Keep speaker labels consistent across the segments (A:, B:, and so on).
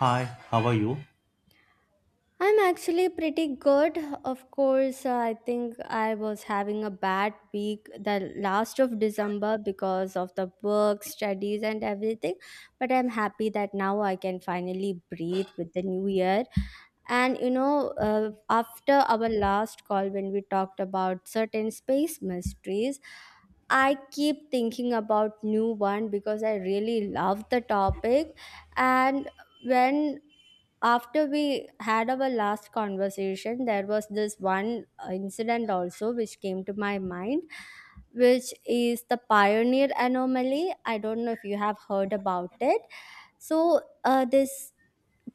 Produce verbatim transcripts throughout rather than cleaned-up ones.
A: Hi, how are you?
B: I'm actually pretty good. Of course, uh, I think I was having a bad week the last of December because of the work, studies, and everything. But I'm happy that now I can finally breathe with the new year. And you know, uh, after our last call, when we talked about certain space mysteries, I keep thinking about new one because I really love the topic. And when After we had our last conversation, there was this one uh, incident also which came to my mind, which is the Pioneer anomaly. I don't know if you have heard about it. So uh, this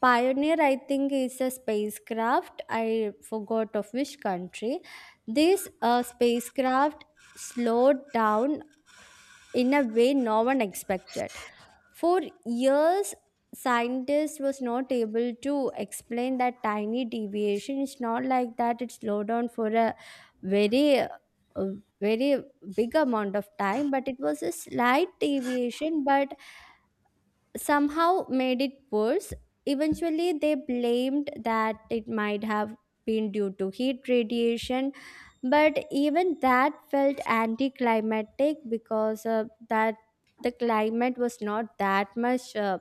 B: Pioneer, I think, is a spacecraft. I forgot of which country. This uh, spacecraft slowed down in a way no one expected. For years, scientists was not able to explain that tiny deviation. It's not like that it slowed down for a very uh, very big amount of time, but it was a slight deviation, but somehow made it worse. Eventually, they blamed that it might have been due to heat radiation, but even that felt anticlimactic because uh, that the climate was not that much uh,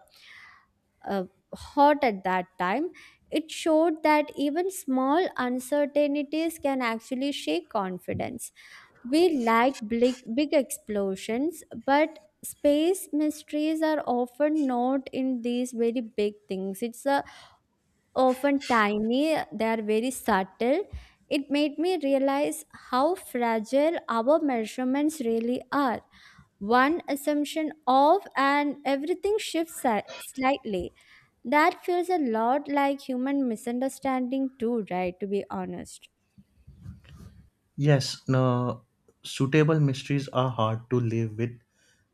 B: uh, hot at that time. It showed that even small uncertainties can actually shake confidence. We like big, big explosions, but space mysteries are often not in these very big things. It's uh, often tiny, they are very subtle. It made me realize how fragile our measurements really are. One assumption of and everything shifts si- slightly. That feels a lot like human misunderstanding, too, right? To be honest.
A: Yes, no, suitable mysteries are hard to live with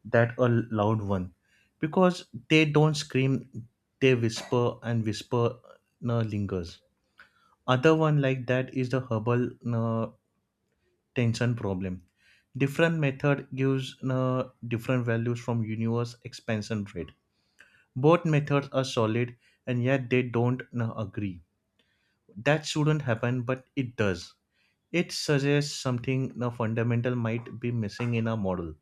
A: that a loud one because they don't scream, they whisper and whisper no, lingers. Other one like that is the herbal no, tension problem. Different method gives no, different values from universe expansion rate. Both methods are solid and yet they don't no, agree. That shouldn't happen, but it does. It suggests something the fundamental might be missing in a model.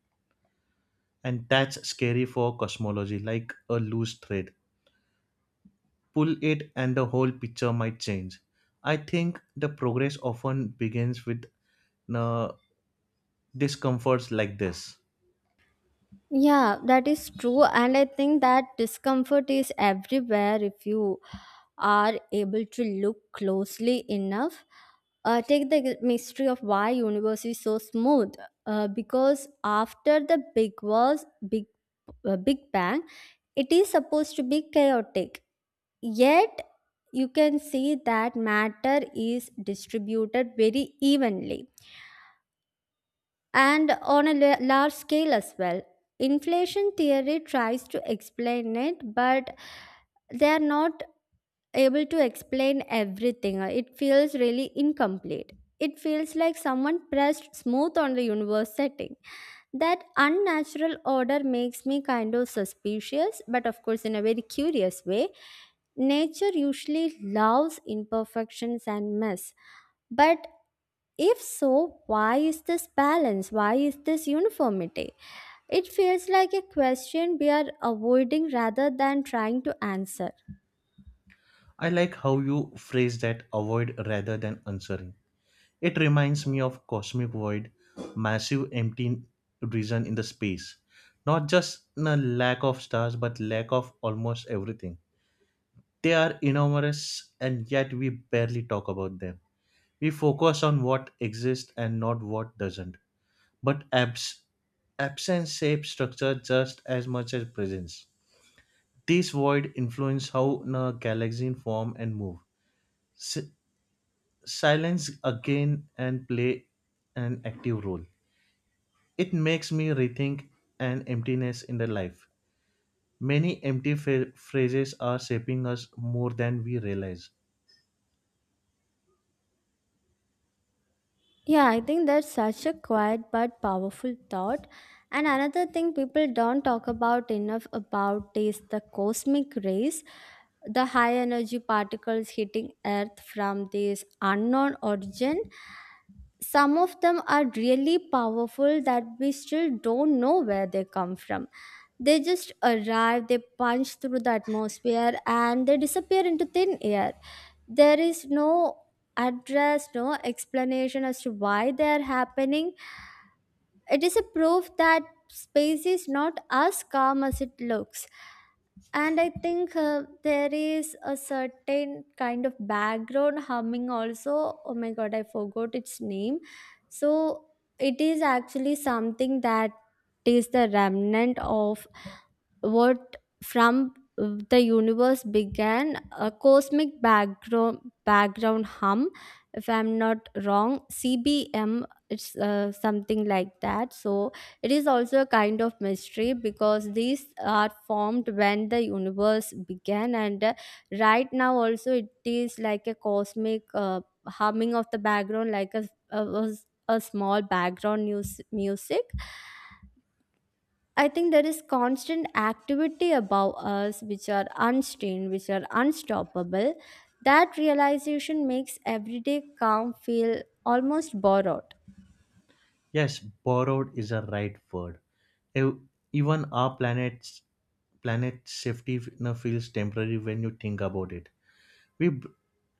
A: And that's scary for cosmology, like a loose thread. Pull it and the whole picture might change. I think the progress often begins with uh, discomforts like this.
B: Yeah, that is true. And I think that discomfort is everywhere if you are able to look closely enough. Uh, take the g- mystery of why universe is so smooth. Uh, because after the big was big, uh, big bang, it is supposed to be chaotic. Yet you can see that matter is distributed very evenly and on a la- large scale as well. Inflation theory tries to explain it, but they are not able to explain everything. It feels really incomplete. It feels like someone pressed smooth on the universe setting. That unnatural order makes me kind of suspicious, but of course, in a very curious way. Nature usually loves imperfections and mess, but if so, why is this balance? Why is this uniformity? It feels like a question we are avoiding rather than trying to answer.
A: I like how you phrase that avoid rather than answering. It reminds me of cosmic void, massive empty region in the space. Not just a lack of stars, but lack of almost everything. They are enormous, and yet we barely talk about them. We focus on what exists and not what doesn't. But abs- absence shapes structure just as much as presence. This void influences how a galaxy form and move. Si- silence again and play an active role. It makes me rethink an emptiness in the life. Many empty fa- phrases are shaping us more than we realize.
B: Yeah, I think that's such a quiet but powerful thought. And another thing people don't talk about enough about is the cosmic rays, the high energy particles hitting Earth from this unknown origin. Some of them are really powerful that we still don't know where they come from. They just arrive, they punch through the atmosphere, and they disappear into thin air. There is no address, no explanation as to why they are happening. It is a proof that space is not as calm as it looks. And I think uh, there is a certain kind of background humming also. Oh my god, I forgot its name. So it is actually something that is the remnant of what from uh, the universe began, a cosmic background background hum, if I'm not wrong, CBM, it's uh, something like that. So it is also a kind of mystery because these are formed when the universe began, and uh, right now also it is like a cosmic uh, humming of the background, like a, a, a small background news, music. I think there is constant activity above us which are unstained, which are unstoppable. That realization makes everyday calm feel almost borrowed.
A: Yes, borrowed is a right word. Ev- Even our planet's planet safety you know, feels temporary when you think about it. We, b-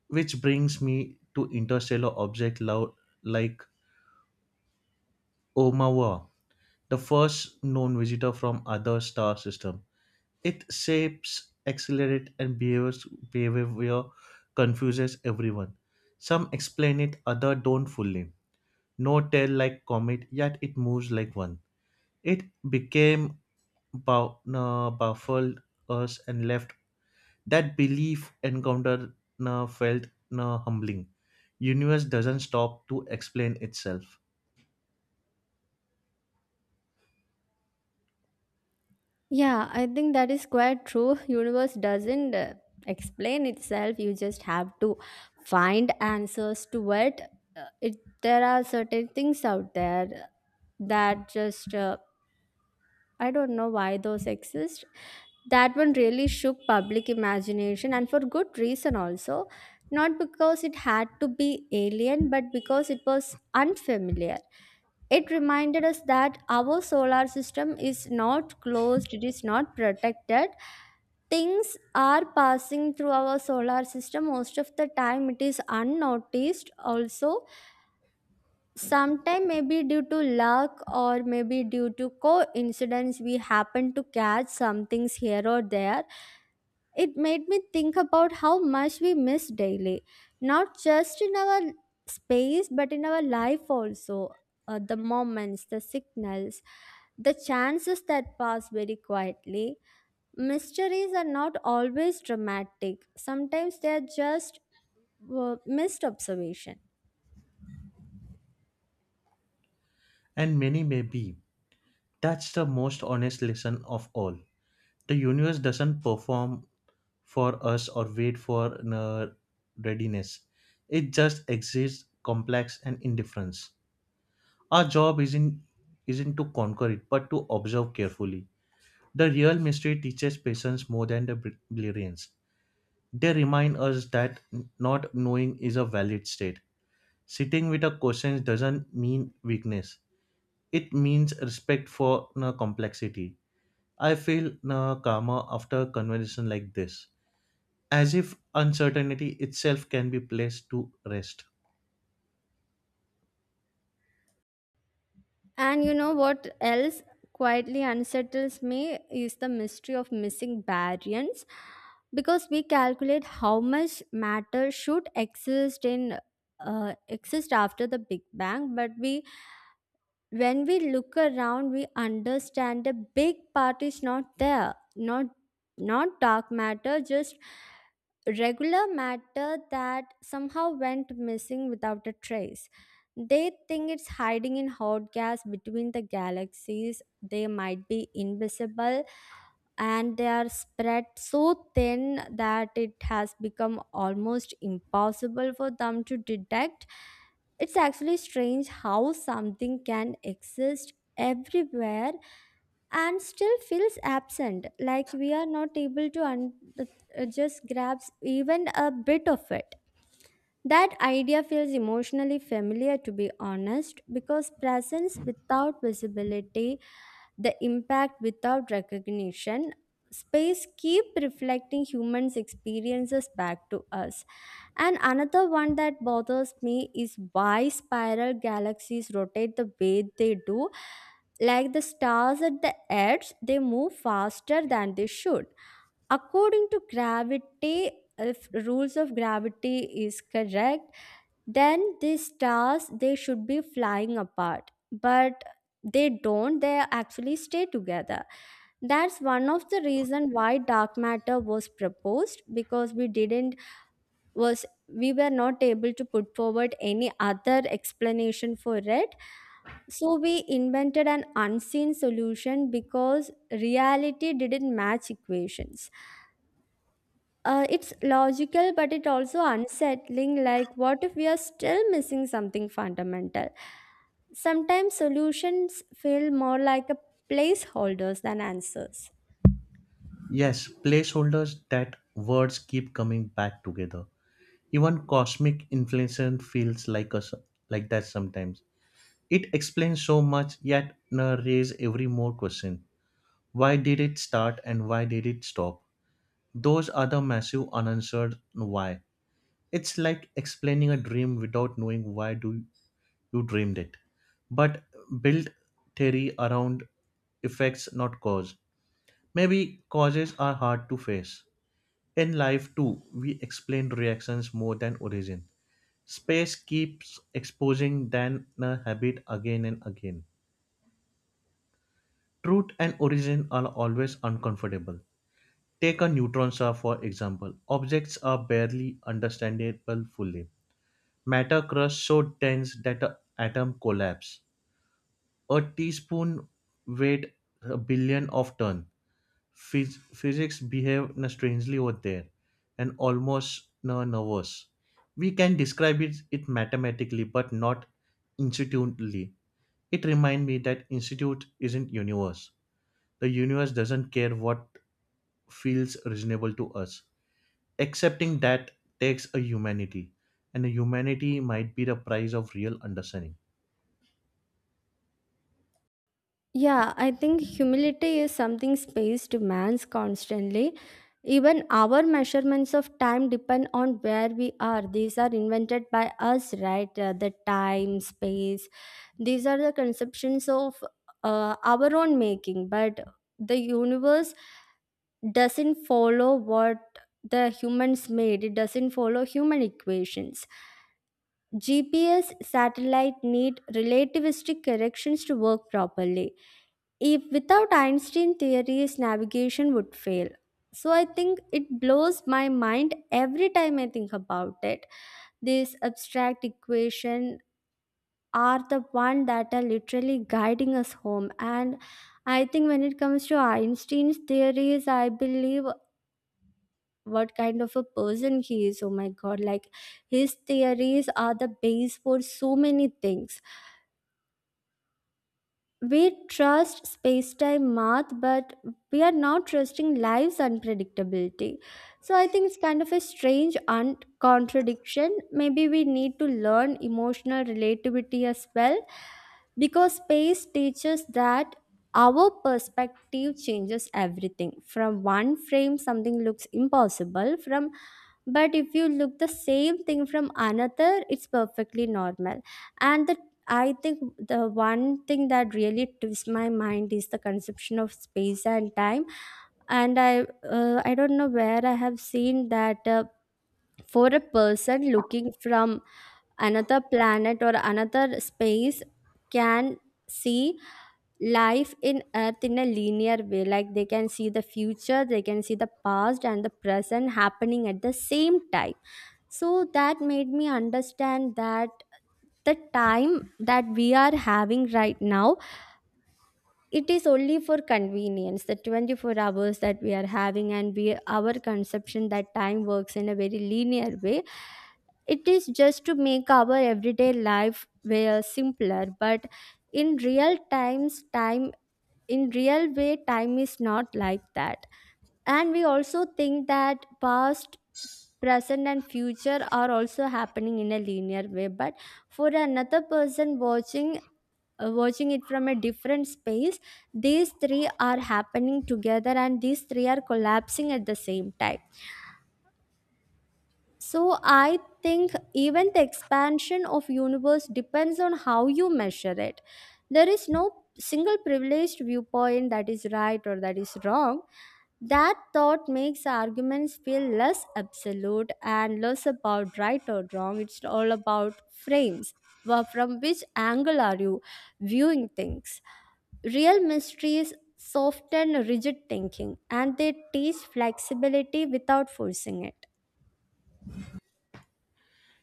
A: which brings me to interstellar object lo- like Oumuamua, the first known visitor from other star system. It shapes, accelerates, and behaves behavior confuses everyone. Some explain it, other don't fully. No tail like comet, yet it moves like one. It became bou- na, baffled us and left. That belief encounter na, felt na, humbling. Universe doesn't stop to explain itself,
B: Yeah, I think that is quite true. Universe doesn't uh, explain itself. You just have to find answers to it. Uh, it there are certain things out there that just uh, I don't know why those exist. That one really shook public imagination, and for good reason also. Not because it had to be alien, but because it was unfamiliar. It reminded us that our solar system is not closed, it is not protected. Things are passing through our solar system most of the time, it is unnoticed also. Sometimes, maybe due to luck or maybe due to coincidence, we happen to catch some things here or there. It made me think about how much we miss daily, not just in our space but in our life also. Uh, the moments, the signals, the chances that pass very quietly. Mysteries are not always dramatic, sometimes they are just uh, missed observation.
A: and many may be. That's the most honest lesson of all. The universe doesn't perform for us or wait for na, readiness. It just exists, complex and indifference. Our job isn't isn't to conquer it, but to observe carefully. The real mystery teaches patience more than the br- brilliance. They remind us that not knowing is a valid state. Sitting with a question doesn't mean weakness, it means respect for na, complexity. I feel na, calmer after a conversation like this, as if uncertainty itself can be placed to rest.
B: And you know what else quietly unsettles me is the mystery of missing variants, because we calculate how much matter should exist in uh, exist after the big bang. But we when we look around, we understand the big part is not there. Not not dark matter, just regular matter that somehow went missing without a trace. They think it's hiding in hot gas between the galaxies. They might be invisible, and they are spread so thin that it has become almost impossible for them to detect. It's actually strange how something can exist everywhere and still feels absent, like we are not able to un- uh, just grasp even a bit of it. That idea feels emotionally familiar, to be honest, because presence without visibility, the impact without recognition, space keep reflecting humans' experiences back to us. And another one that bothers me is why spiral galaxies rotate the way they do. Like the stars at the edge, they move faster than they should. According to gravity, if rules of gravity is correct, then these stars they should be flying apart. But they don't, they actually stay together. That's one of the reason why dark matter was proposed, because we didn't was we were not able to put forward any other explanation for it. So we invented an unseen solution because reality didn't match equations. Uh, it's logical, but it also unsettling, like what if we are still missing something fundamental? Sometimes solutions feel more like a placeholders than answers.
A: Yes, placeholders that words keep coming back together. Even cosmic inflation feels like us like that sometimes. It explains so much yet na, raise every more question. Why did it start and why did it stop? Those are the massive unanswered why. It's like explaining a dream without knowing why do you dreamed it. But build theory around effects not cause. Maybe causes are hard to face. In life too, we explain reactions more than origin. Space keeps exposing than a habit again and again. Truth and origin are always uncomfortable. Take a neutron star for example. Objects are barely understandable fully. Matter crust so dense that an atom collapse. A teaspoon weighed a billion of ton. Phys- physics behave in a strangely over there and almost no nervous. We can describe it, it mathematically but not institutionally. It reminds me that institute isn't universe. The universe doesn't care what feels reasonable to us. Accepting that takes a humanity, and a humanity might be the price of real understanding.
B: Yeah, I think humility is something space demands constantly. Even our measurements of time depend on where we are. These are invented by us, right? Uh, the time, space. These are the conceptions of uh, our own making, but the universe doesn't follow what the humans made, it doesn't follow human equations. G P S satellite need relativistic corrections to work properly. If without Einstein theories, navigation would fail. So I think it blows my mind every time I think about it. These abstract equation are the one that are literally guiding us home. And I think, when it comes to Einstein's theories, I believe, what kind of a person he is, oh my god, like his theories are the base for so many things. We trust space time math, but we are not trusting life's unpredictability. So I think it's kind of a strange un- contradiction. Maybe we need to learn emotional relativity as well, because space teaches that our perspective changes everything. From one frame, something looks impossible. From, but if you look the same thing from another, it's perfectly normal. And the I think the one thing that really twists my mind is the conception of space and time. And I, uh, I don't know where I have seen that uh, for a person looking from another planet or another space can see life in earth in a linear way, like they can see the future, they can see the past and the present happening at the same time. So that made me understand that the time that we are having right now, it is only for convenience, the twenty-four hours that we are having, and we, our conception that time works in a very linear way, it is just to make our everyday life way uh, simpler. But in real times time, in real way, time is not like that. And we also think that past, present and future are also happening in a linear way, but for another person watching uh, watching it from a different space, these three are happening together, and these three are collapsing at the same time. So I think even the expansion of universe depends on how you measure it. There is no single privileged viewpoint that is right or that is wrong. That thought makes arguments feel less absolute, and less about right or wrong, it's all about frames. Well, from which angle are you viewing things? Real mysteries soften rigid thinking, and they teach flexibility without forcing it.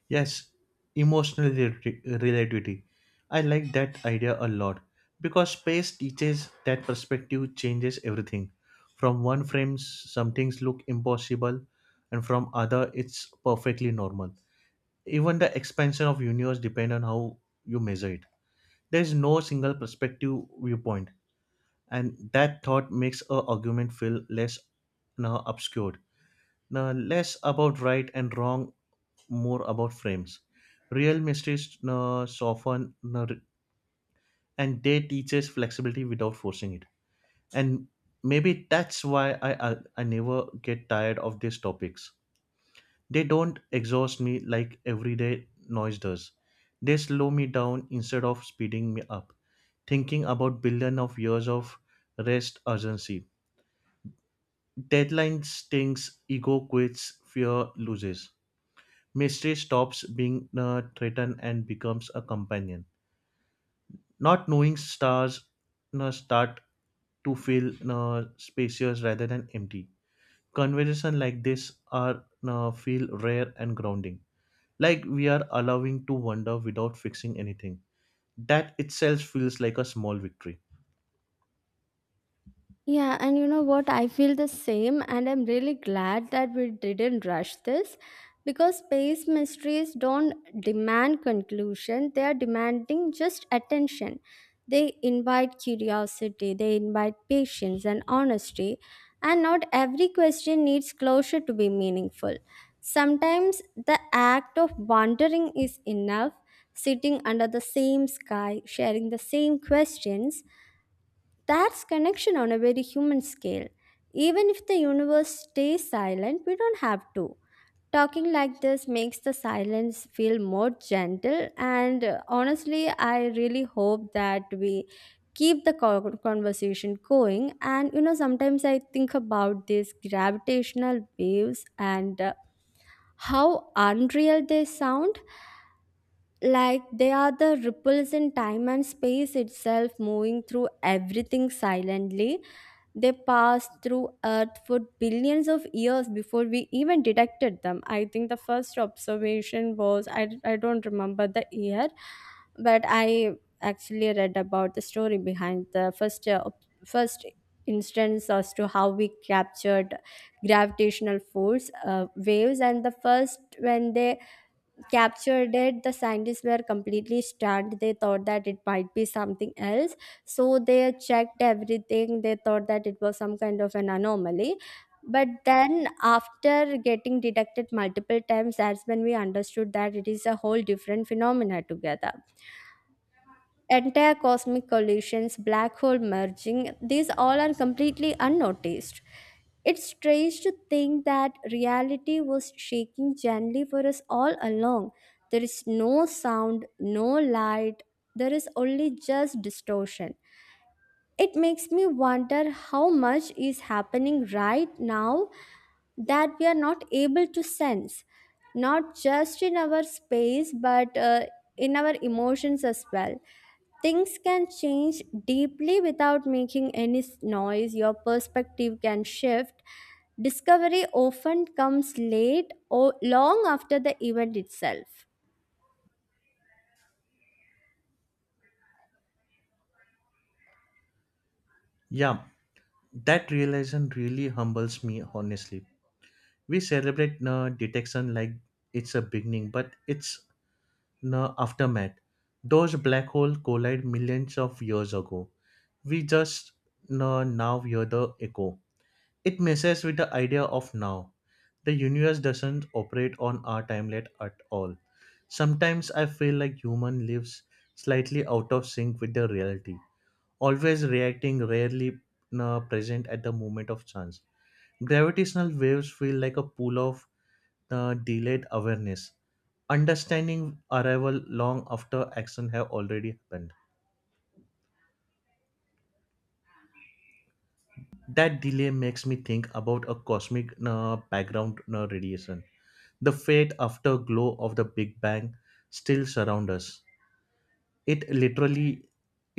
A: Yes, emotional relati- relativity. I like that idea a lot because space teaches that perspective changes everything. From one frame, some things look impossible, and from other, it's perfectly normal. Even the expansion of universe depends on how you measure it. There is no single perspective viewpoint. And that thought makes a argument feel less now obscured, now less about right and wrong, more about frames. Real mysteries now soften now, re- and they teach us flexibility without forcing it. And maybe that's why I, I i never get tired of these topics. They don't exhaust me like everyday noise does. They slow me down instead of speeding me up, thinking about billion of years of rest urgency. Deadline stings, ego quits, fear loses. Mystery stops being a threatened and becomes a companion. Not knowing stars uh, start to feel uh, spacious rather than empty. Conversation like this are uh, feel rare and grounding. Like we are allowing to wander without fixing anything. That itself feels like a small victory.
B: Yeah, and you know what? I feel the same, and I'm really glad that we didn't rush this, because space mysteries don't demand conclusion, they are demanding just attention. They invite curiosity, they invite patience and honesty, and not every question needs closure to be meaningful. Sometimes the act of wandering is enough, sitting under the same sky, sharing the same questions, that's connection on a very human scale. Even if the universe stays silent, we don't have to. Talking like this makes the silence feel more gentle, and uh, honestly, I really hope that we keep the co- conversation going. And you know, sometimes I think about these gravitational waves and uh, how unreal they sound, like they are the ripples in time and space itself moving through everything silently. They passed through earth for billions of years before we even detected them. I think the first observation was i, I don't remember the year, but I actually read about the story behind the first uh, ob- first instance as to how we captured gravitational force uh, waves. And the first, when they captured it, the scientists were completely stunned. They thought that it might be something else, so they checked everything. They thought that it was some kind of an anomaly, but then after getting detected multiple times, that's when we understood that it is a whole different phenomena together. Entire cosmic collisions, black hole merging, these all are completely unnoticed. It's strange to think that reality was shaking gently for us all along. There is no sound, no light, there is only just distortion. It makes me wonder how much is happening right now that we are not able to sense, not just in our space, but uh, in our emotions as well. Things can change deeply without making any s- noise. Your perspective can shift. Discovery often comes late or long after the event itself.
A: Yeah, that realization really humbles me honestly. We celebrate uh, detection like it's a beginning, but it's no aftermath. Those black holes collide millions of years ago. We just uh, now hear the echo. It messes with the idea of now. The universe doesn't operate on our timeline at all. Sometimes I feel like human lives slightly out of sync with the reality, always reacting, rarely uh, present at the moment of chance. Gravitational waves feel like a pool of the delayed awareness understanding arrival long after action have already happened. That delay makes me think about a cosmic uh, background uh, radiation, the fate afterglow of the big bang still surround us. it literally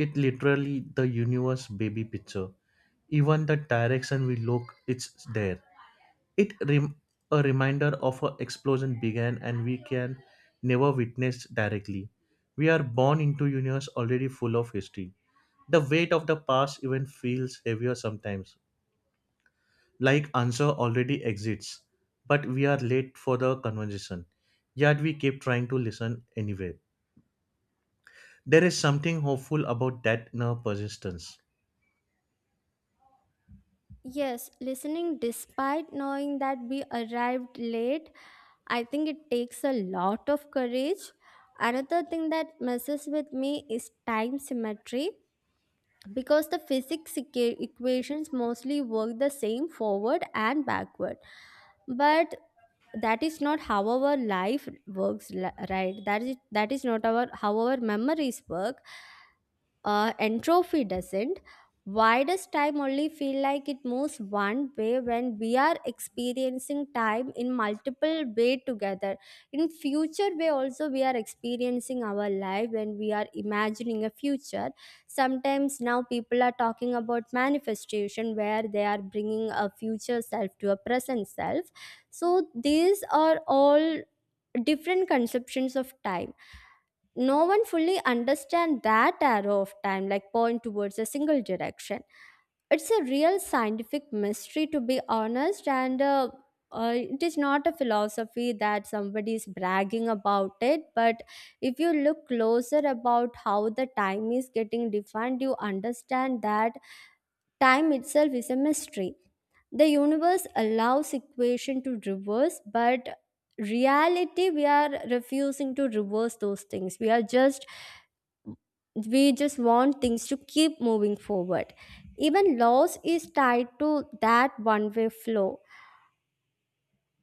A: it literally the universe baby picture. Even the direction we look, it's there. It rem- a reminder of an explosion began and we can never witness directly. We are born into universe already full of history. The weight of the past even feels heavier sometimes, like answer already exists, but we are late for the conversation. Yet we keep trying to listen anyway. There is something hopeful about that inner persistence.
B: Yes, listening despite knowing that we arrived late, I think it takes a lot of courage. Another thing that messes with me is time symmetry, because the physics equa- equations mostly work the same forward and backward, but that is not how our life works, li- right? That is that is not our how our memories work. Uh, entropy doesn't. Why does time only feel like it moves one way when we are experiencing time in multiple way together? In future way also we are experiencing our life when we are imagining a future. Sometimes now people are talking about manifestation where they are bringing a future self to a present self. So these are all different conceptions of time. No one fully understand that arrow of time like point towards a single direction. It's a real scientific mystery, to be honest, and uh, uh, it is not a philosophy that somebody is bragging about, it. But if you look closer about how the time is getting defined, you understand that time itself is a mystery. The universe allows equation to reverse, but reality we are refusing to reverse those things. We are just we just want things to keep moving forward. Even loss is tied to that one way flow.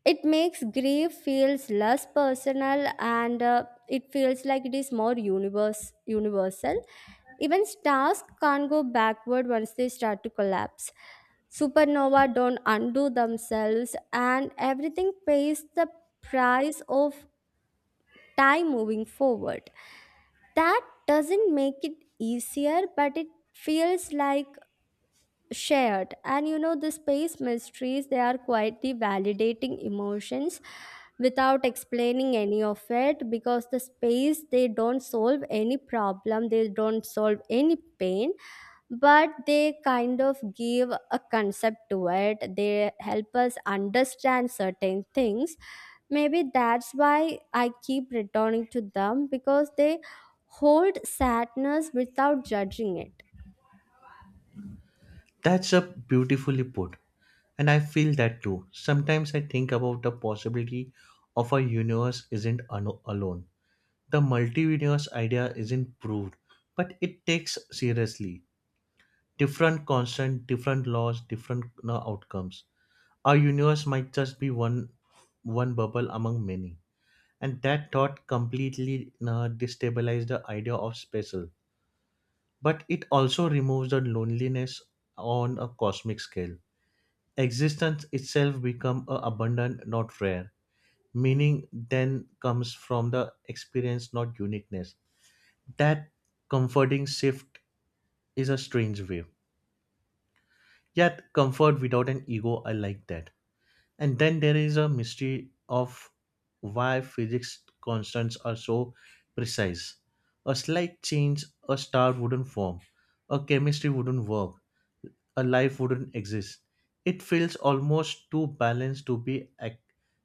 B: It makes grief feels less personal and uh, it feels like it is more universe universal. Even stars can't go backward once they start to collapse. Supernova don't undo themselves and everything pays the price of time moving forward. That doesn't make it easier, but it feels like shared. And you know The space mysteries, they are quietly validating emotions without explaining any of it, because the space, they don't solve any problem, they don't solve any pain, but they kind of give a concept to it, they help us understand certain things. Maybe that's why I keep returning to them, because they hold sadness without judging it.
A: That's a beautifully put. And I feel that too. Sometimes I think about the possibility of a universe isn't ano- alone. The multi universe idea isn't proved, but it takes seriously. Different constant, different laws, different uh, outcomes. Our universe might just be one one bubble among many. And that thought completely uh, destabilized the idea of special. But it also removes the loneliness on a cosmic scale. Existence itself become a abundant, not rare. Meaning then comes from the experience, not uniqueness. That comforting shift is a strange way. Yet comfort without an ego, I like that. And then there is a mystery of why physics constants are so precise. A slight change, a star wouldn't form, a chemistry wouldn't work, a life wouldn't exist. It feels almost too balanced to be ac-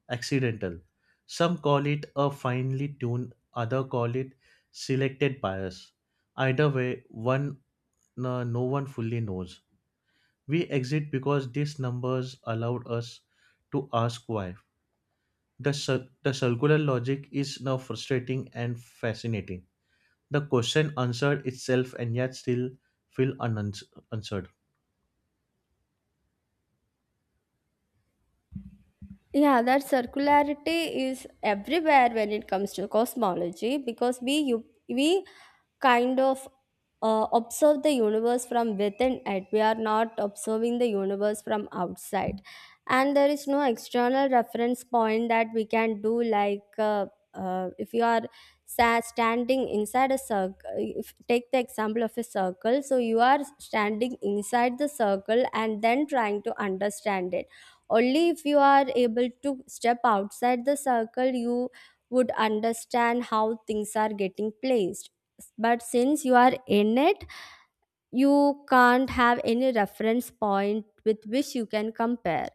A: accidental. Some call it a finely tuned, other call it selected bias. Either way, one no no one fully knows. We exit because these numbers allowed us to ask why. The, cir- the circular logic is now frustrating and fascinating. The question answered itself and yet still feel unanswered.
B: Yeah, that circularity is everywhere when it comes to cosmology because we you, we kind of uh, observe the universe from within it. We are not observing the universe from outside, and there is no external reference point that we can do. Like uh, uh, if you are sa- standing inside a circle, if take the example of a circle, so you are standing inside the circle and then trying to understand it, only if you are able to step outside the circle, you would understand how things are getting placed. But since you are in it, you can't have any reference point with which you can compare.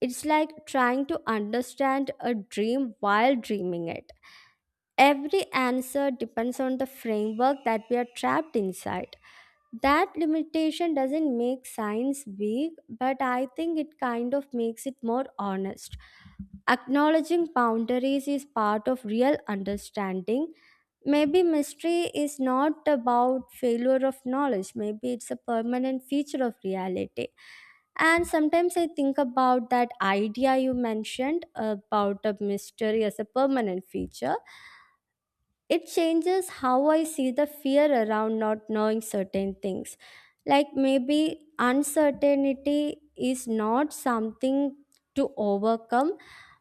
B: It's like trying to understand a dream while dreaming it. Every answer depends on the framework that we are trapped inside. That limitation doesn't make science weak, but I think it kind of makes it more honest. Acknowledging boundaries is part of real understanding. Maybe mystery is not about failure of knowledge, maybe it's a permanent feature of reality. And sometimes I think about that idea you mentioned about a mystery as a permanent feature. It changes how I see the fear around not knowing certain things. Like maybe uncertainty is not something to overcome.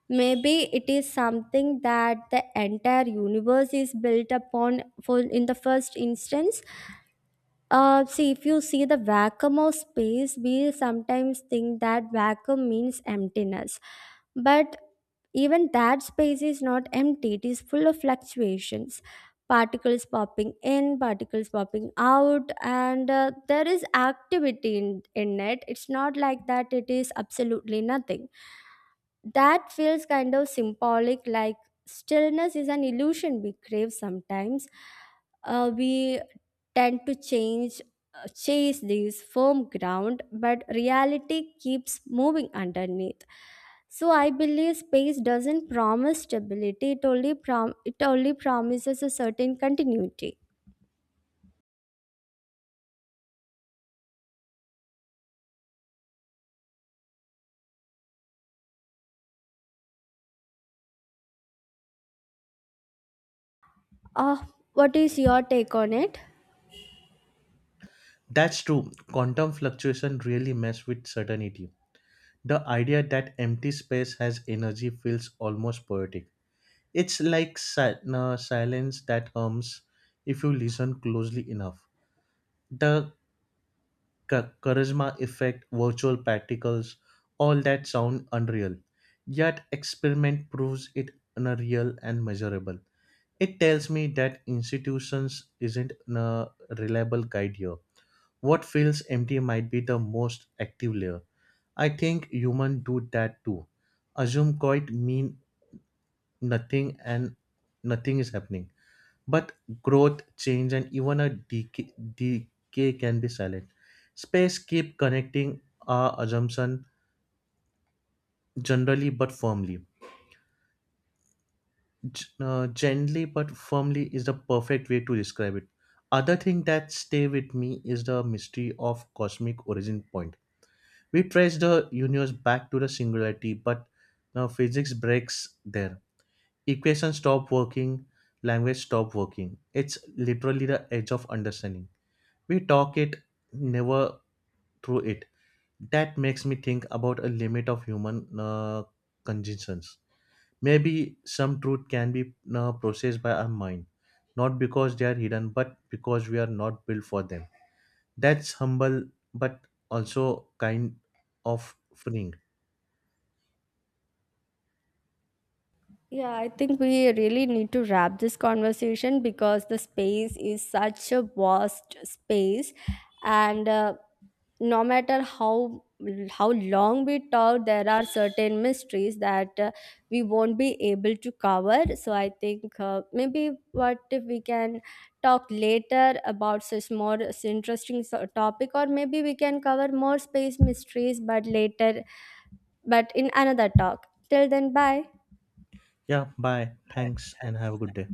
B: Maybe it is something that the entire universe is built upon for in the first instance. Uh, see, if you see the vacuum of space, we sometimes think that vacuum means emptiness. But even that space is not empty, it is full of fluctuations. Particles popping in, particles popping out, and uh, there is activity in, in it. It's not like that, it is absolutely nothing. That feels kind of symbolic, like stillness is an illusion we crave sometimes. Uh, we tend to change, uh, chase this firm ground, but reality keeps moving underneath. So I believe space doesn't promise stability, it only prom- it only promises a certain continuity. uh, what is your take on it?
A: That's true. Quantum fluctuation really mess with certainty. The idea that empty space has energy feels almost poetic. It's like si- uh, silence that hums if you listen closely enough. The cha- charisma effect, virtual particles, all that sound unreal. Yet experiment proves it unreal and measurable. It tells me that institutions isn't a reliable guide here. What feels empty might be the most active layer. I think humans do that too. Assume quite mean nothing and nothing is happening. But growth, change, and even a decay, decay can be silent. Space keep connecting our assumption generally but firmly. G- uh, gently but firmly is the perfect way to describe it. Other thing that stay with me is the mystery of cosmic origin point. We trace the universe back to the singularity, but now physics breaks there. Equations stop working, language stop working. It's literally the edge of understanding. We talk it, never through it. That makes me think about a limit of human uh, cognitions. Maybe some truth can be uh, processed by our mind, not because they are hidden, but because we are not built for them. That's humble, but also kind of freeing.
B: Yeah, I think we really need to wrap this conversation because the space is such a vast space, and uh, no matter how how long we talk, there are certain mysteries that uh, we won't be able to cover. So I think uh, maybe what if we can talk later about such more interesting so- topic, or maybe we can cover more space mysteries, but later, but in another talk. Till then, bye.
A: Yeah, bye. Thanks and have a good day.